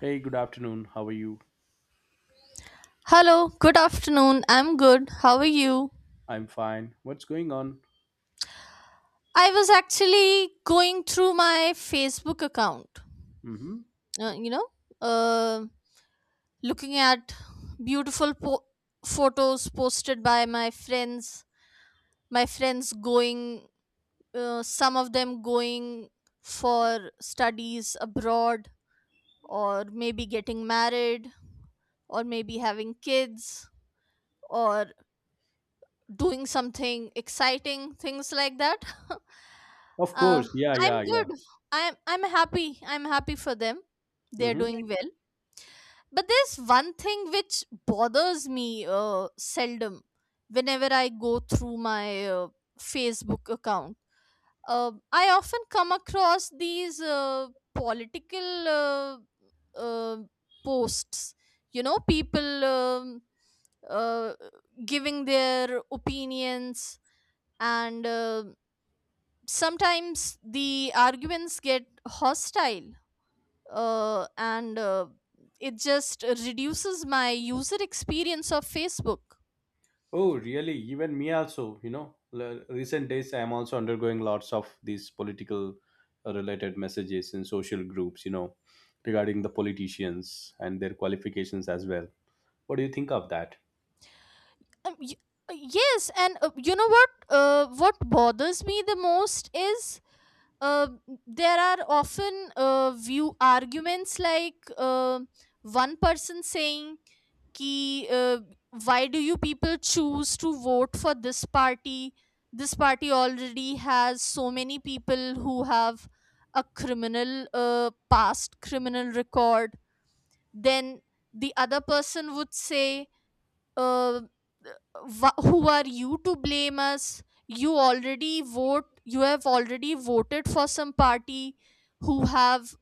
Hey, good afternoon. How are you? Hello, good afternoon. I'm good. How are you? I'm fine. What's going on? I was actually going through my Facebook account, Mm-hmm. uh, you know, uh, looking at beautiful photos posted by my friends. My friends going, some of them going for studies abroad, or maybe getting married, or maybe having kids, or doing something exciting things like that. Of uh, course. Yeah, yeah, I'm yeah. good. I'm happy. I'm happy for them. They're Mm-hmm. doing well. But there's one thing which bothers me seldom, whenever I go through my Facebook account. I often come across these political uh, posts, you know, people uh, giving their opinions, and sometimes the arguments get hostile, and it just reduces my user experience of Facebook. Oh, really? Even me also, recent days I'm also undergoing lots of these political related messages in social groups, regarding the politicians and their qualifications as well. What do you think of that? um, y- yes, and what bothers me the most is, uh, there are often view arguments like, one person saying कि why do you people choose to vote for this party? This party already has so many people who have a criminal, past criminal record. Then the other person would say, uh, Who are you to blame us? You already vote. You have already voted for some party who have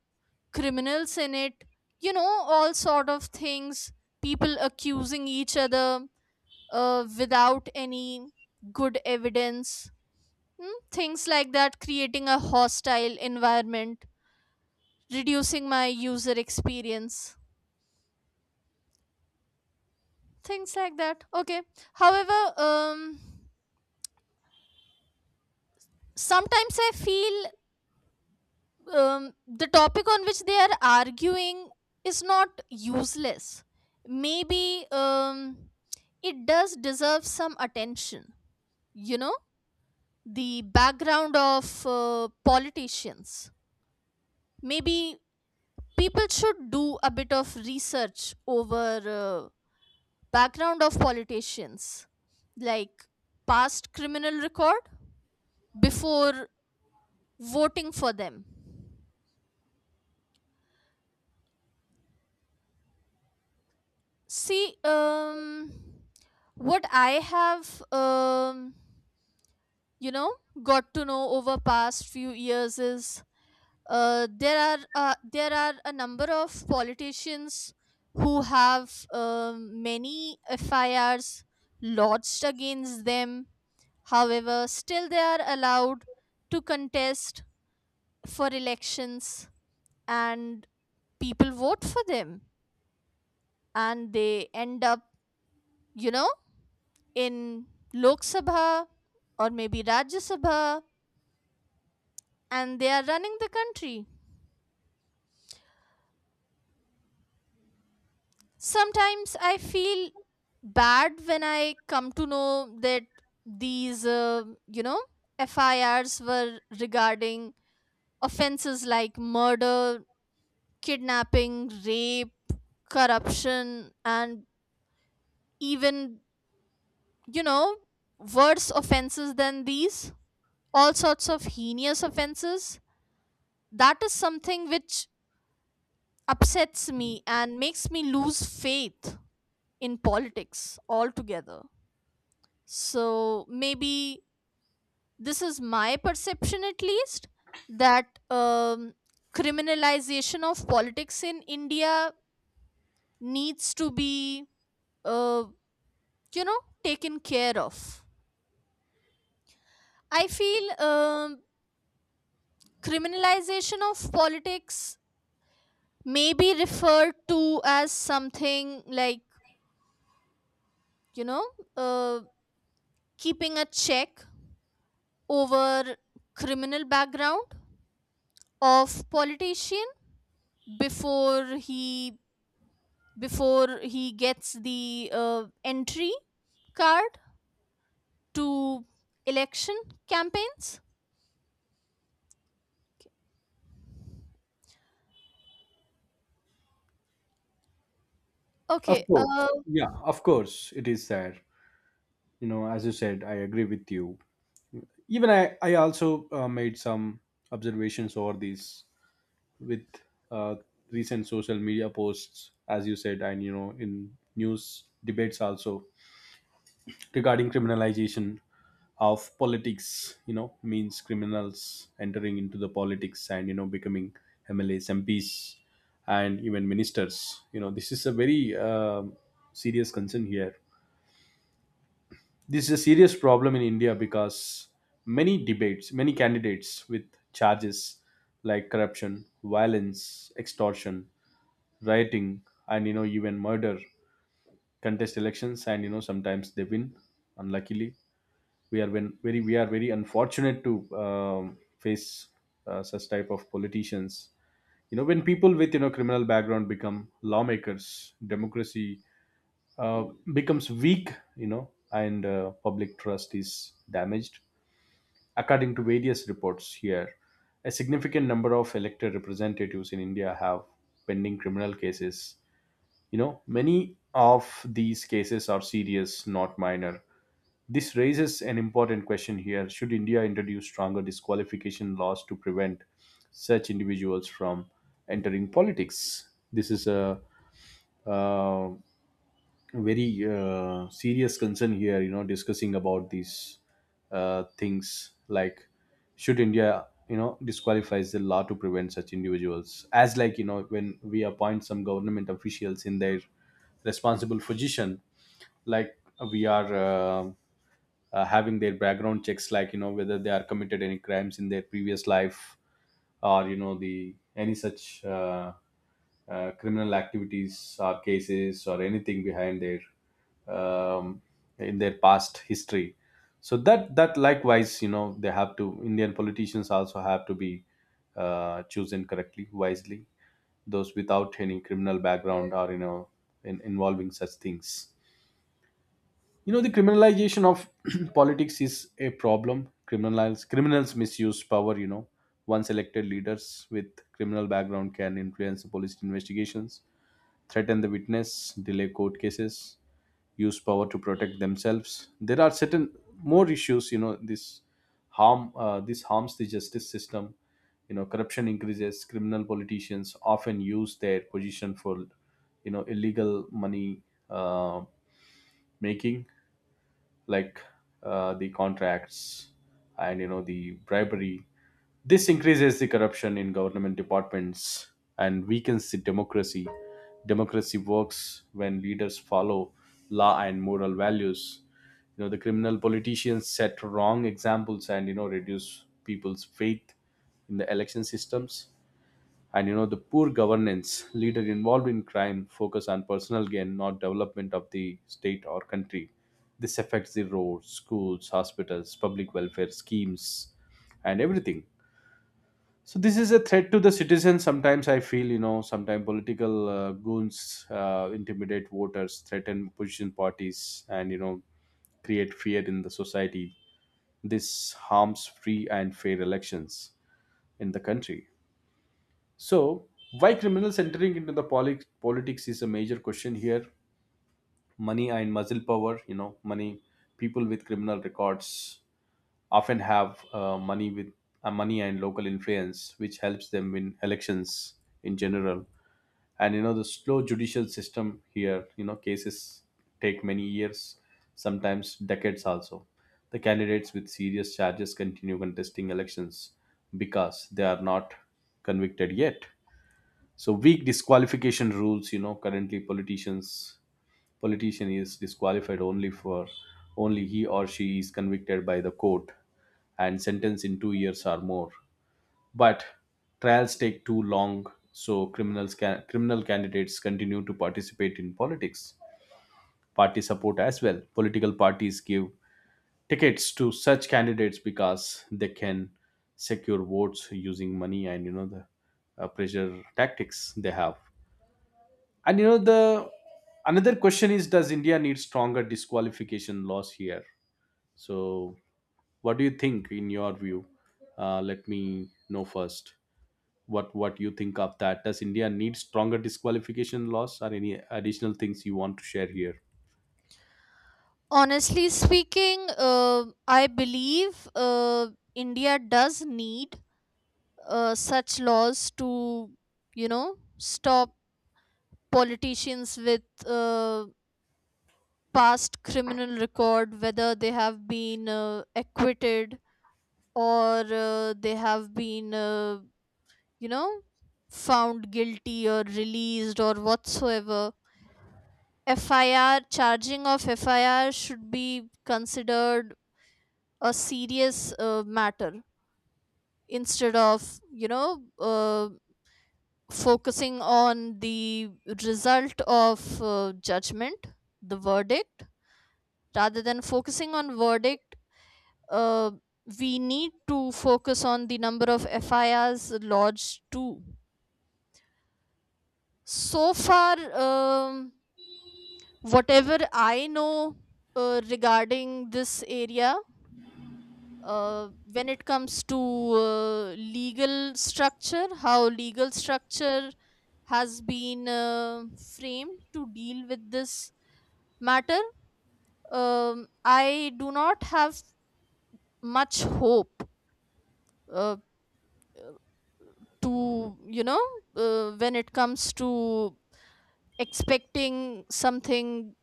criminals in it, you know, all sort of things, people accusing each other without any good evidence." Hmm, things like that, creating a hostile environment, reducing my user experience, things like that. Okay, however, um sometimes I feel, the topic on which they are arguing is not useless. Maybe it does deserve some attention, you know, the background of politicians. Maybe people should do a bit of research over background of politicians, like past criminal record, before voting for them. See, what I have, you know got to know over past few years is, there are a number of politicians who have many FIRs lodged against them. However, still they are allowed to contest for elections, and people vote for them, and they end up, you know, in Lok Sabha or maybe Rajya Sabha, and they are running the country. Sometimes I feel bad when I come to know that these, FIRs were regarding offenses like murder, kidnapping, rape, corruption, and even, you know, worse offenses than these. All sorts of heinous offenses. That is something which upsets me and makes me lose faith in politics altogether. So maybe this is my perception, at least, that, criminalization of politics in India needs to be, uh, taken care of. I feel, criminalization of politics may be referred to as something like, you know uh, keeping a check over criminal background of politician before he, gets the entry card to election campaigns. Of Okay, course. Yeah, of course it is there. As you said, I agree with you. Even I also made some observations over these with uh, recent social media posts, as you said, and in news debates also regarding criminalization of politics, means criminals entering into the politics and becoming MLAs, MPs, and even ministers. This is a very serious concern here. This is a serious problem in India because many debates, many candidates with charges like corruption, violence, extortion, rioting, and even murder contest elections, and sometimes they win, unluckily. We are very unfortunate to face such type of politicians. When people with, criminal background become lawmakers, democracy uh, becomes weak, and public trust is damaged. According to various reports here, a significant number of elected representatives in India have pending criminal cases. Many of these cases are serious, not minor. This raises an important question here. Should India introduce stronger disqualification laws to prevent such individuals from entering politics? This is a uh, very serious concern here, discussing about these things, like should India, disqualifies the law to prevent such individuals, as like, when we appoint some government officials in their responsible position, like we are having their background checks, like, whether they are committed any crimes in their previous life, or the any such criminal activities or cases or anything behind their um, in their past history. So that likewise, they have to Indian politicians also have to be chosen correctly, wisely. Those without any criminal background, or involving such things. The criminalization of politics is a problem. Criminals misuse power. Once elected, leaders with criminal background can influence the police investigations, threaten the witness, delay court cases, use power to protect themselves. There are certain more issues. This harms the justice system. Corruption increases. Criminal politicians often use their position for, illegal money uh, making, like the contracts, and the bribery. This increases the corruption in government departments and weakens the democracy. Democracy works when leaders follow law and moral values. The criminal politicians set wrong examples and reduce people's faith in the election systems. And the poor governance, leader involved in crime focus on personal gain, not development of the state or country. This affects the roads, schools, hospitals, public welfare schemes, and everything. So this is a threat to the citizens. Sometimes I feel, sometimes political goons intimidate voters, threaten opposition parties, and create fear in the society. This harms free and fair elections in the country. So, why criminals entering into the politics is a major question here. Money and muscle power, money. People with criminal records often have money with money and local influence, which helps them win elections in general. And the slow judicial system here, cases take many years, sometimes decades also. The candidates with serious charges continue contesting elections because they are not convicted yet. So weak disqualification rules, currently politician is disqualified only for, only he or she is convicted by the court and sentenced in 2 years or more, but trials take too long, so criminal candidates continue to participate in politics. Party support as well, political parties give tickets to such candidates because they can secure votes using money and the pressure tactics they have. And the another question is, does India need stronger disqualification laws here? So what do you think in your view? Let me know first what you think of that. Does India need stronger disqualification laws or any additional things you want to share here? honestly speaking, I believe, India does need such laws to, you know, stop politicians with past criminal record, whether they have been acquitted or they have been you know, found guilty or released or whatsoever. FIR, charging of FIR should be considered a serious matter instead of, you know, focusing on the result of judgment, the verdict, rather than focusing on verdict. Uh, we need to focus on the number of FIRs lodged too. So far, whatever I know regarding this area, when it comes to legal structure, how legal structure has been framed to deal with this matter, I do not have much hope, uh, to, you know, when it comes to expecting something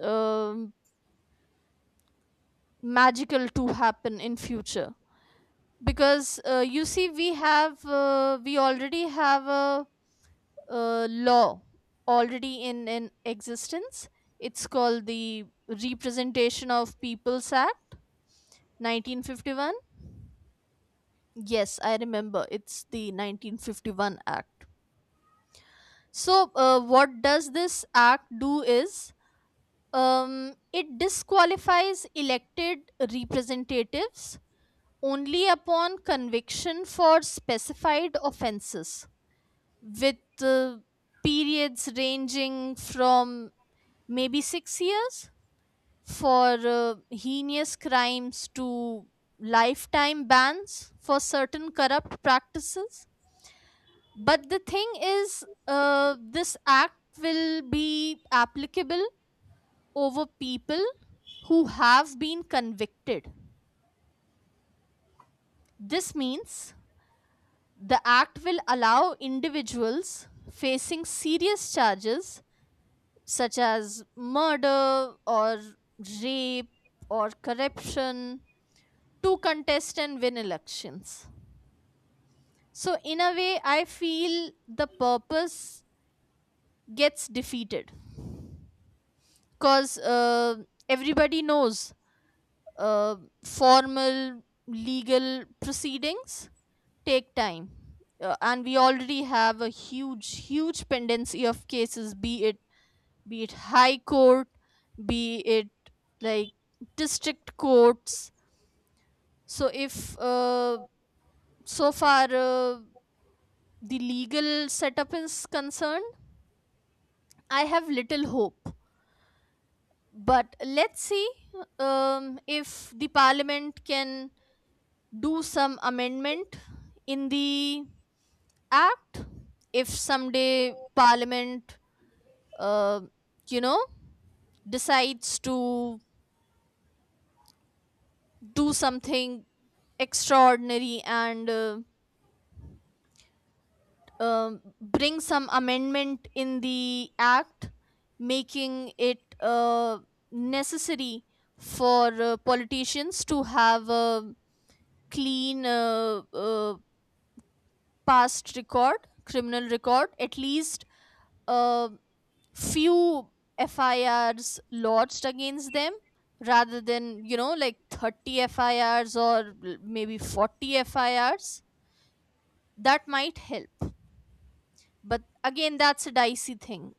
um magical to happen in future. Because we already have a, law already in existence. It's called the Representation of Peoples Act 1951. Yes, I remember, it's the 1951 Act. So what does this act do is, um, it disqualifies elected representatives only upon conviction for specified offenses, with the periods ranging from maybe 6 years for heinous crimes to lifetime bans for certain corrupt practices. But the thing is, this act will be applicable over people who have been convicted. This means the act will allow individuals facing serious charges such as murder or rape or corruption to contest and win elections. So, in a way, I feel the purpose gets defeated, because everybody knows uh, formal legal proceedings take time. And we already have a huge, huge pendency of cases, be it high court, be it like district courts. So if so far the legal setup is concerned, I have little hope. But let's see, if the parliament can do some amendment in the act. If someday parliament, uh, you know decides to do something extraordinary and bring some amendment in the act, making it necessary for politicians to have a clean, past record, criminal record. At least uh, few FIRs lodged against them, rather than, you know, like 30 FIRs, or maybe 40 FIRs. That might help, but again, that's a dicey thing.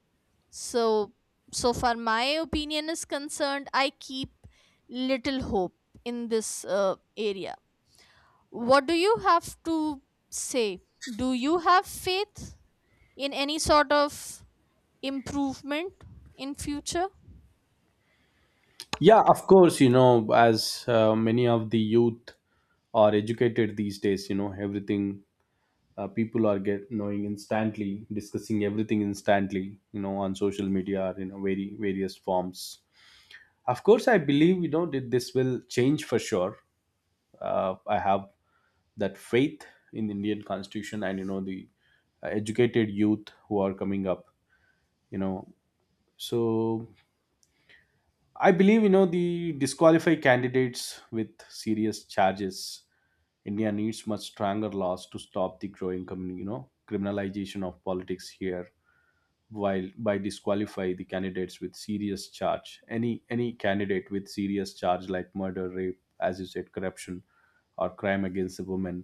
So, so far my opinion is concerned, I keep little hope in this area. What do you have to say? Do you have faith in any sort of improvement in future? Yeah, of course, as many of the youth are educated these days, everything people are get knowing instantly, discussing everything instantly, on social media or in, very various forms. Of course I believe, that this will change for sure. I have that faith in the Indian Constitution and the educated youth who are coming up, you know so I believe the disqualify candidates with serious charges. India needs much stronger laws to stop the growing criminalization of politics here, while by disqualify the candidates with serious charge, any candidate with serious charge like murder, rape, as you said, corruption, or crime against a woman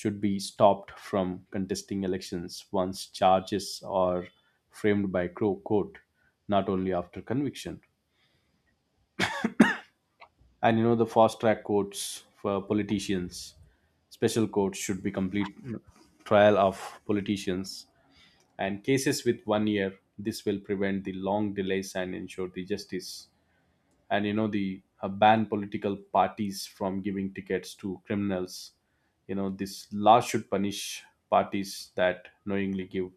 should be stopped from contesting elections once charges are framed by court, not only after conviction. And the fast track courts for politicians, special courts should be complete trial of politicians and cases with 1 year. This will prevent the long delays and ensure the justice. And the ban political parties from giving tickets to criminals. This law should punish parties that knowingly give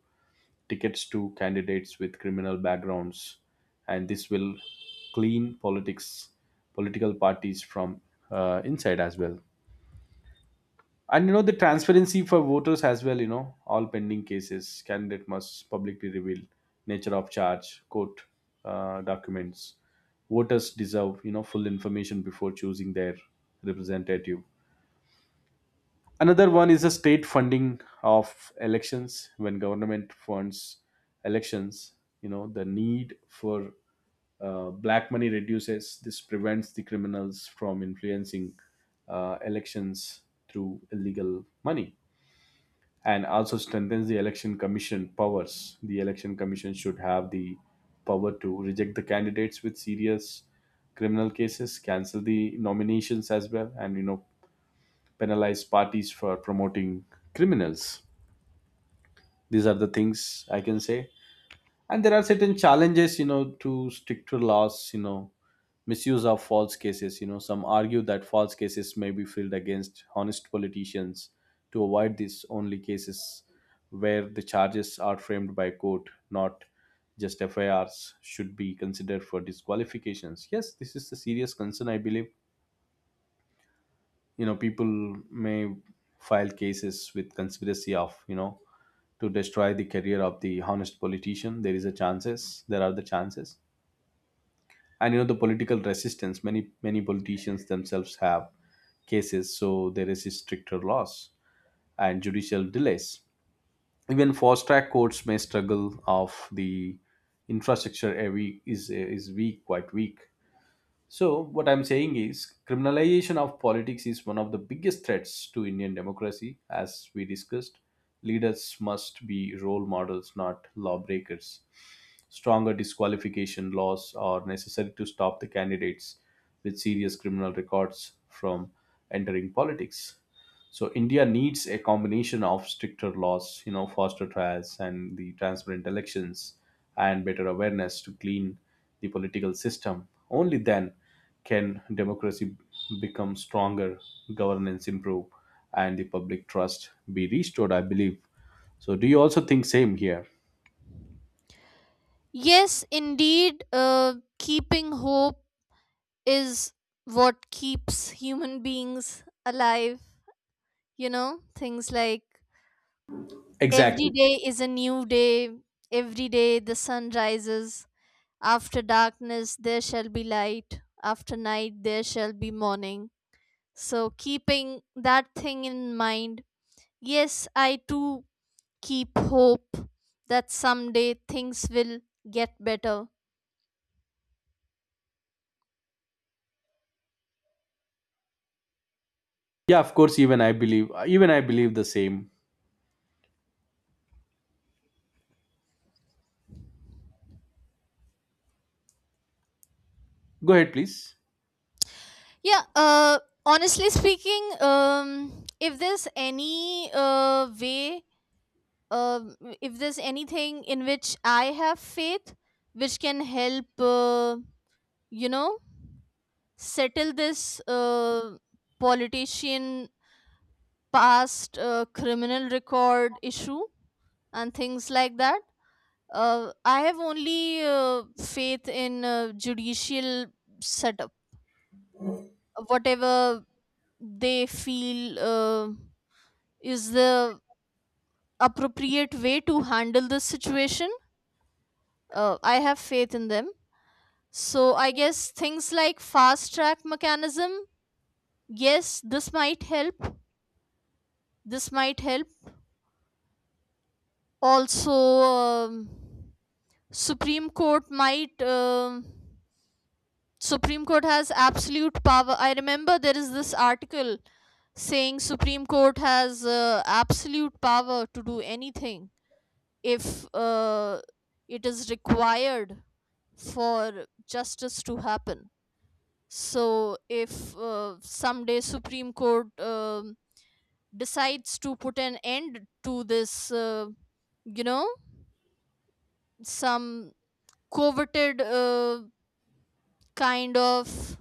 tickets to candidates with criminal backgrounds, and this will clean politics, political parties from inside as well. And the transparency for voters as well. All pending cases, candidate must publicly reveal nature of charge, court documents. Voters deserve full information before choosing their representative. Another one is the state funding of elections. When government funds elections, the need for black money reduces. This prevents the criminals from influencing elections through illegal money, and also strengthens the election commission powers. The election commission should have the power to reject the candidates with serious criminal cases, cancel the nominations as well, and penalize parties for promoting criminals. These are the things I can say, and there are certain challenges, to stick laws, misuse of false cases. Some argue that false cases may be filed against honest politicians. To avoid these, only cases where the charges are framed by court, not just FIRs, should be considered for disqualifications. Yes, this is a serious concern. I believe people may file cases with conspiracy of, to destroy the career of the honest politician. There are the chances. And the political resistance. Many politicians themselves have cases, so there is stricter laws and judicial delays. Even fast track courts may struggle of the infrastructure. Every is weak, quite weak. So what I'm saying is, criminalization of politics is one of the biggest threats to Indian democracy, as we discussed. Leaders must be role models, not lawbreakers. Stronger disqualification laws are necessary to stop the candidates with serious criminal records from entering politics. So India needs a combination of stricter laws, faster trials and the transparent elections, and better awareness to clean the political system. Only then can democracy become stronger, governance improve, and the public trust be restored, I believe. So do you also think same here? Yes, indeed. Keeping hope is what keeps human beings alive. You know, things like every Exactly. day is a new day. Every day the sun rises. After darkness, there shall be light. After night, there shall be morning. So, keeping that thing in mind, yes, I too keep hope that someday things will get better. Yeah, of course. Even I believe. Even I believe the same. Go ahead, please. Yeah, honestly speaking, if there's any way, um, if there's anything in which I have faith, which can help, you know, settle this politician past criminal record issue and things like that. I have only faith in judicial setup. Whatever they feel is the appropriate way to handle this situation, I have faith in them. So I guess things like fast track mechanism, yes, this might help. This might help. Also, Supreme Court might um Supreme Court has absolute power. I remember there is this article saying Supreme Court has absolute power to do anything if it is required for justice to happen. So if someday Supreme Court decides to put an end to this, you know, some coveted kind of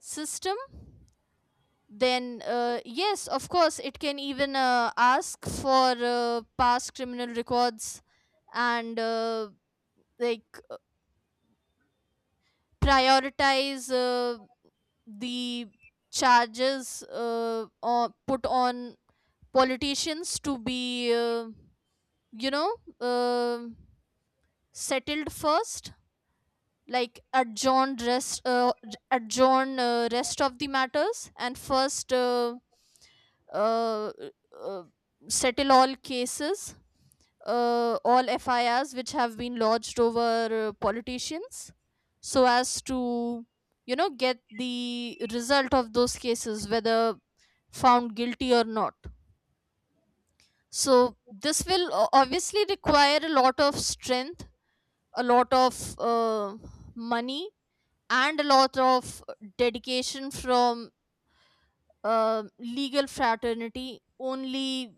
system, then yes, of course it can even ask for past criminal records, and like prioritize the charges or put on politicians to be, you know uh, settled first, like adjourn rest of the matters, and first uh, uh, settle all cases, all FIRs which have been lodged over politicians, so as to, you know, get the result of those cases, whether found guilty or not. So this will obviously require a lot of strength, a lot of money, and a lot of dedication from legal fraternity only.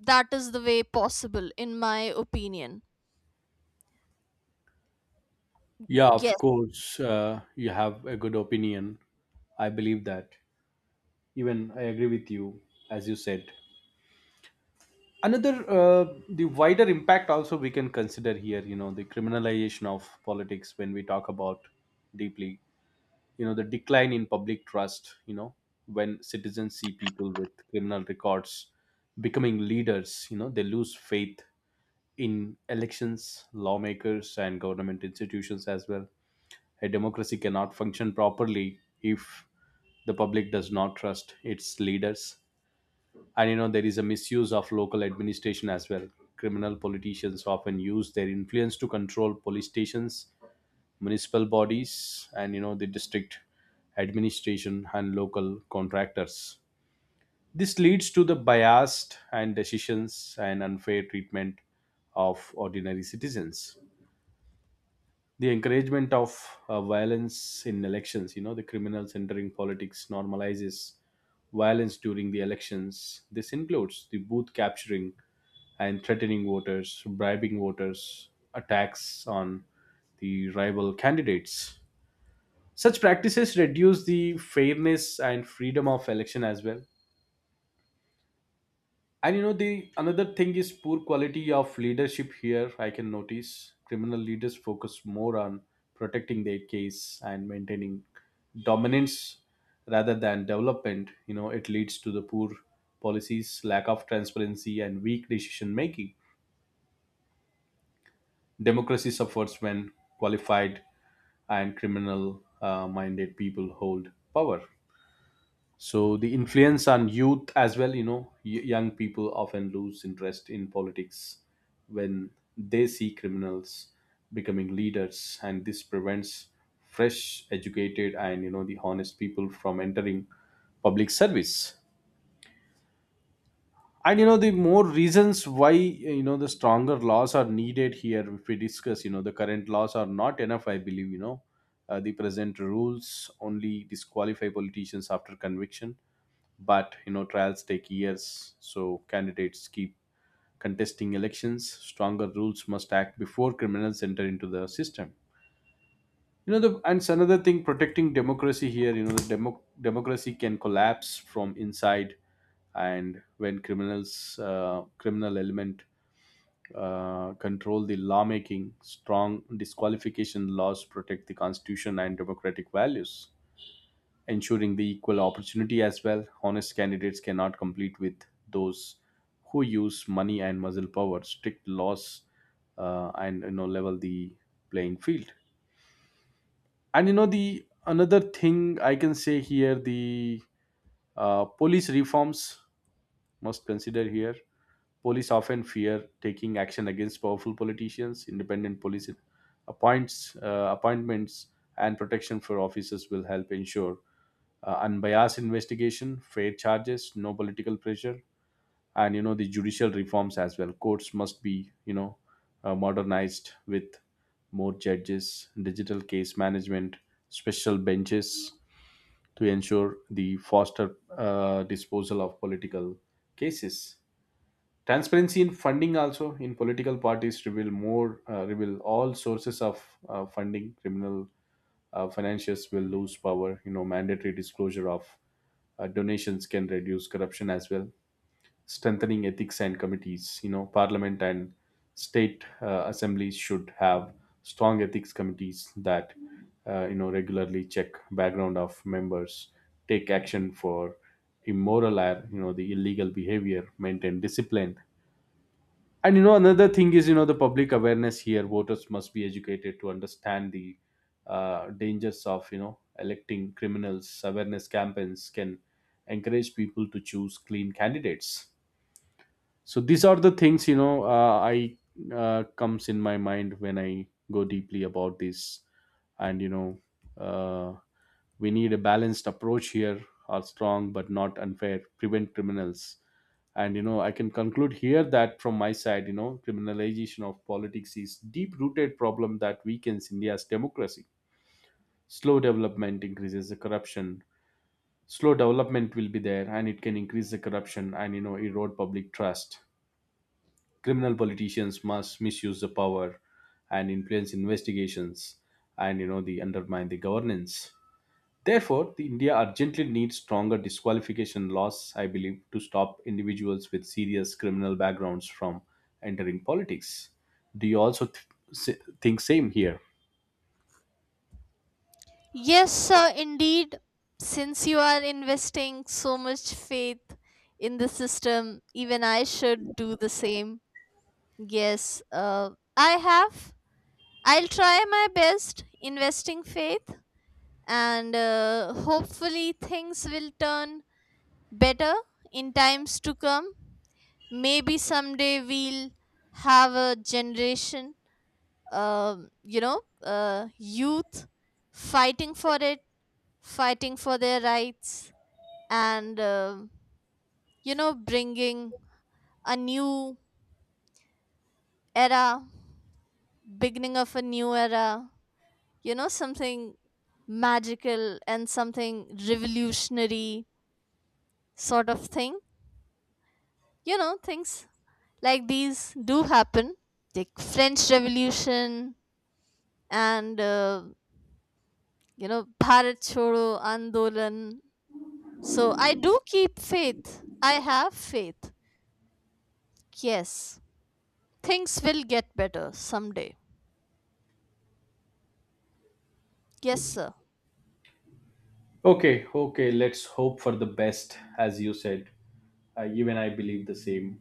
That is the way possible in my opinion. Yeah, Yes. of course. You have a good opinion. I believe that. Even I agree with you, as you said. Another, the wider impact also we can consider here. The criminalization of politics, when we talk about deeply. The decline in public trust. When citizens see people with criminal records becoming leaders, they lose faith in elections, lawmakers, and government institutions as well. A democracy cannot function properly if the public does not trust its leaders. And there is a misuse of local administration as well. Criminal politicians often use their influence to control police stations, municipal bodies, and the district administration and local contractors. This leads to the biased and decisions and unfair treatment of ordinary citizens. The encouragement of violence in elections. The criminals entering politics normalizes violence during the elections. This includes the booth capturing and threatening voters, bribing voters, attacks on the rival candidates. Such practices reduce the fairness and freedom of election as well. And the another thing is poor quality of leadership here. I can notice criminal leaders focus more on protecting their case and maintaining dominance rather than development. You know, it leads to the poor policies, lack of transparency, and weak decision making. Democracy suffers when qualified and criminal minded people hold power. So the influence on youth as well, you know, young people often lose interest in politics when they see criminals becoming leaders, and this prevents fresh, educated, and you know the honest people from entering public service. And you know the more reasons why you know the stronger laws are needed here. If we discuss, you know, the current laws are not enough. I believe you know the present rules only disqualify politicians after conviction, but you know trials take years, so candidates keep contesting elections. Stronger rules must act before criminals enter into the system. You know the, and it's another thing, protecting democracy here. You know the democracy can collapse from inside, and when criminals criminal element control the lawmaking, strong disqualification laws protect the constitution and democratic values, ensuring the equal opportunity as well. Honest candidates cannot compete with those who use money and muscle power. Strict laws, and you know, level the playing field. And you know the another thing I can say here, the police reforms must consider here. Police often fear taking action against powerful politicians. Independent police appoints appointments and protection for officers will help ensure unbiased investigation, fair charges, no political pressure, and you know the judicial reforms as well. Courts must be, you know, modernized with more judges, digital case management, special benches to ensure the faster disposal of political cases. Transparency in funding also, in political parties, reveal more, reveal all sources of funding. Criminal financiers will lose power. You know, mandatory disclosure of donations can reduce corruption as well. Strengthening ethics and committees, you know, parliament and state assemblies should have strong ethics committees that, you know, regularly check background of members, take action for immoral or you know the illegal behavior, maintain discipline. And you know another thing is, you know the public awareness here, voters must be educated to understand the dangers of you know electing criminals. Awareness campaigns can encourage people to choose clean candidates. So these are the things, you know, I comes in my mind when I go deeply about this. And you know, uh, we need a balanced approach here, are strong but not unfair, prevent criminals. And you know, I can conclude here that from my side, you know, criminalization of politics is deep rooted problem that weakens India's democracy. Slow development increases the corruption. Slow development will be there, and it can increase the corruption and you know erode public trust. Criminal politicians must misuse the power and influence investigations, and you know the undermine the governance. Therefore the India urgently needs stronger disqualification laws, I believe, to stop individuals with serious criminal backgrounds from entering politics. Do you also think same here? Yes, sir, indeed. Since you are investing so much faith in the system, even I should do the same. Yes, i have I'll try my best investing faith, and hopefully things will turn better in times to come. Maybe someday we'll have a generation, youth fighting for it, fighting for their rights, and, you know, bringing a new era, beginning of a new era, you know, something magical and something revolutionary sort of thing. You know, things like these do happen, like French Revolution and you know, Bharat Chodo Andolan. So I do keep faith. I have faith. Yes, things will get better someday. Yes, sir. Okay, okay, let's hope for the best, as you said. Even I believe the same,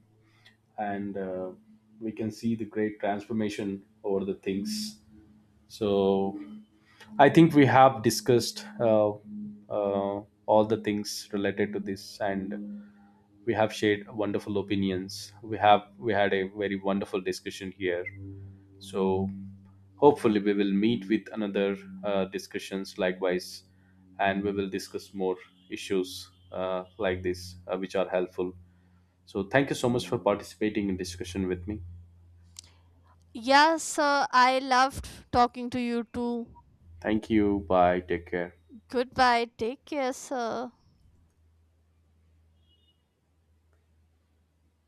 and we can see the great transformation over the things. So I think we have discussed, uh, all the things related to this, and we have shared wonderful opinions. We had a very wonderful discussion here. So hopefully we will meet with another discussions likewise, and we will discuss more issues like this, which are helpful. So thank you so much for participating in discussion with me. Yes, sir, I loved talking to you too. Thank you. Bye. Take care. Goodbye, take care, sir.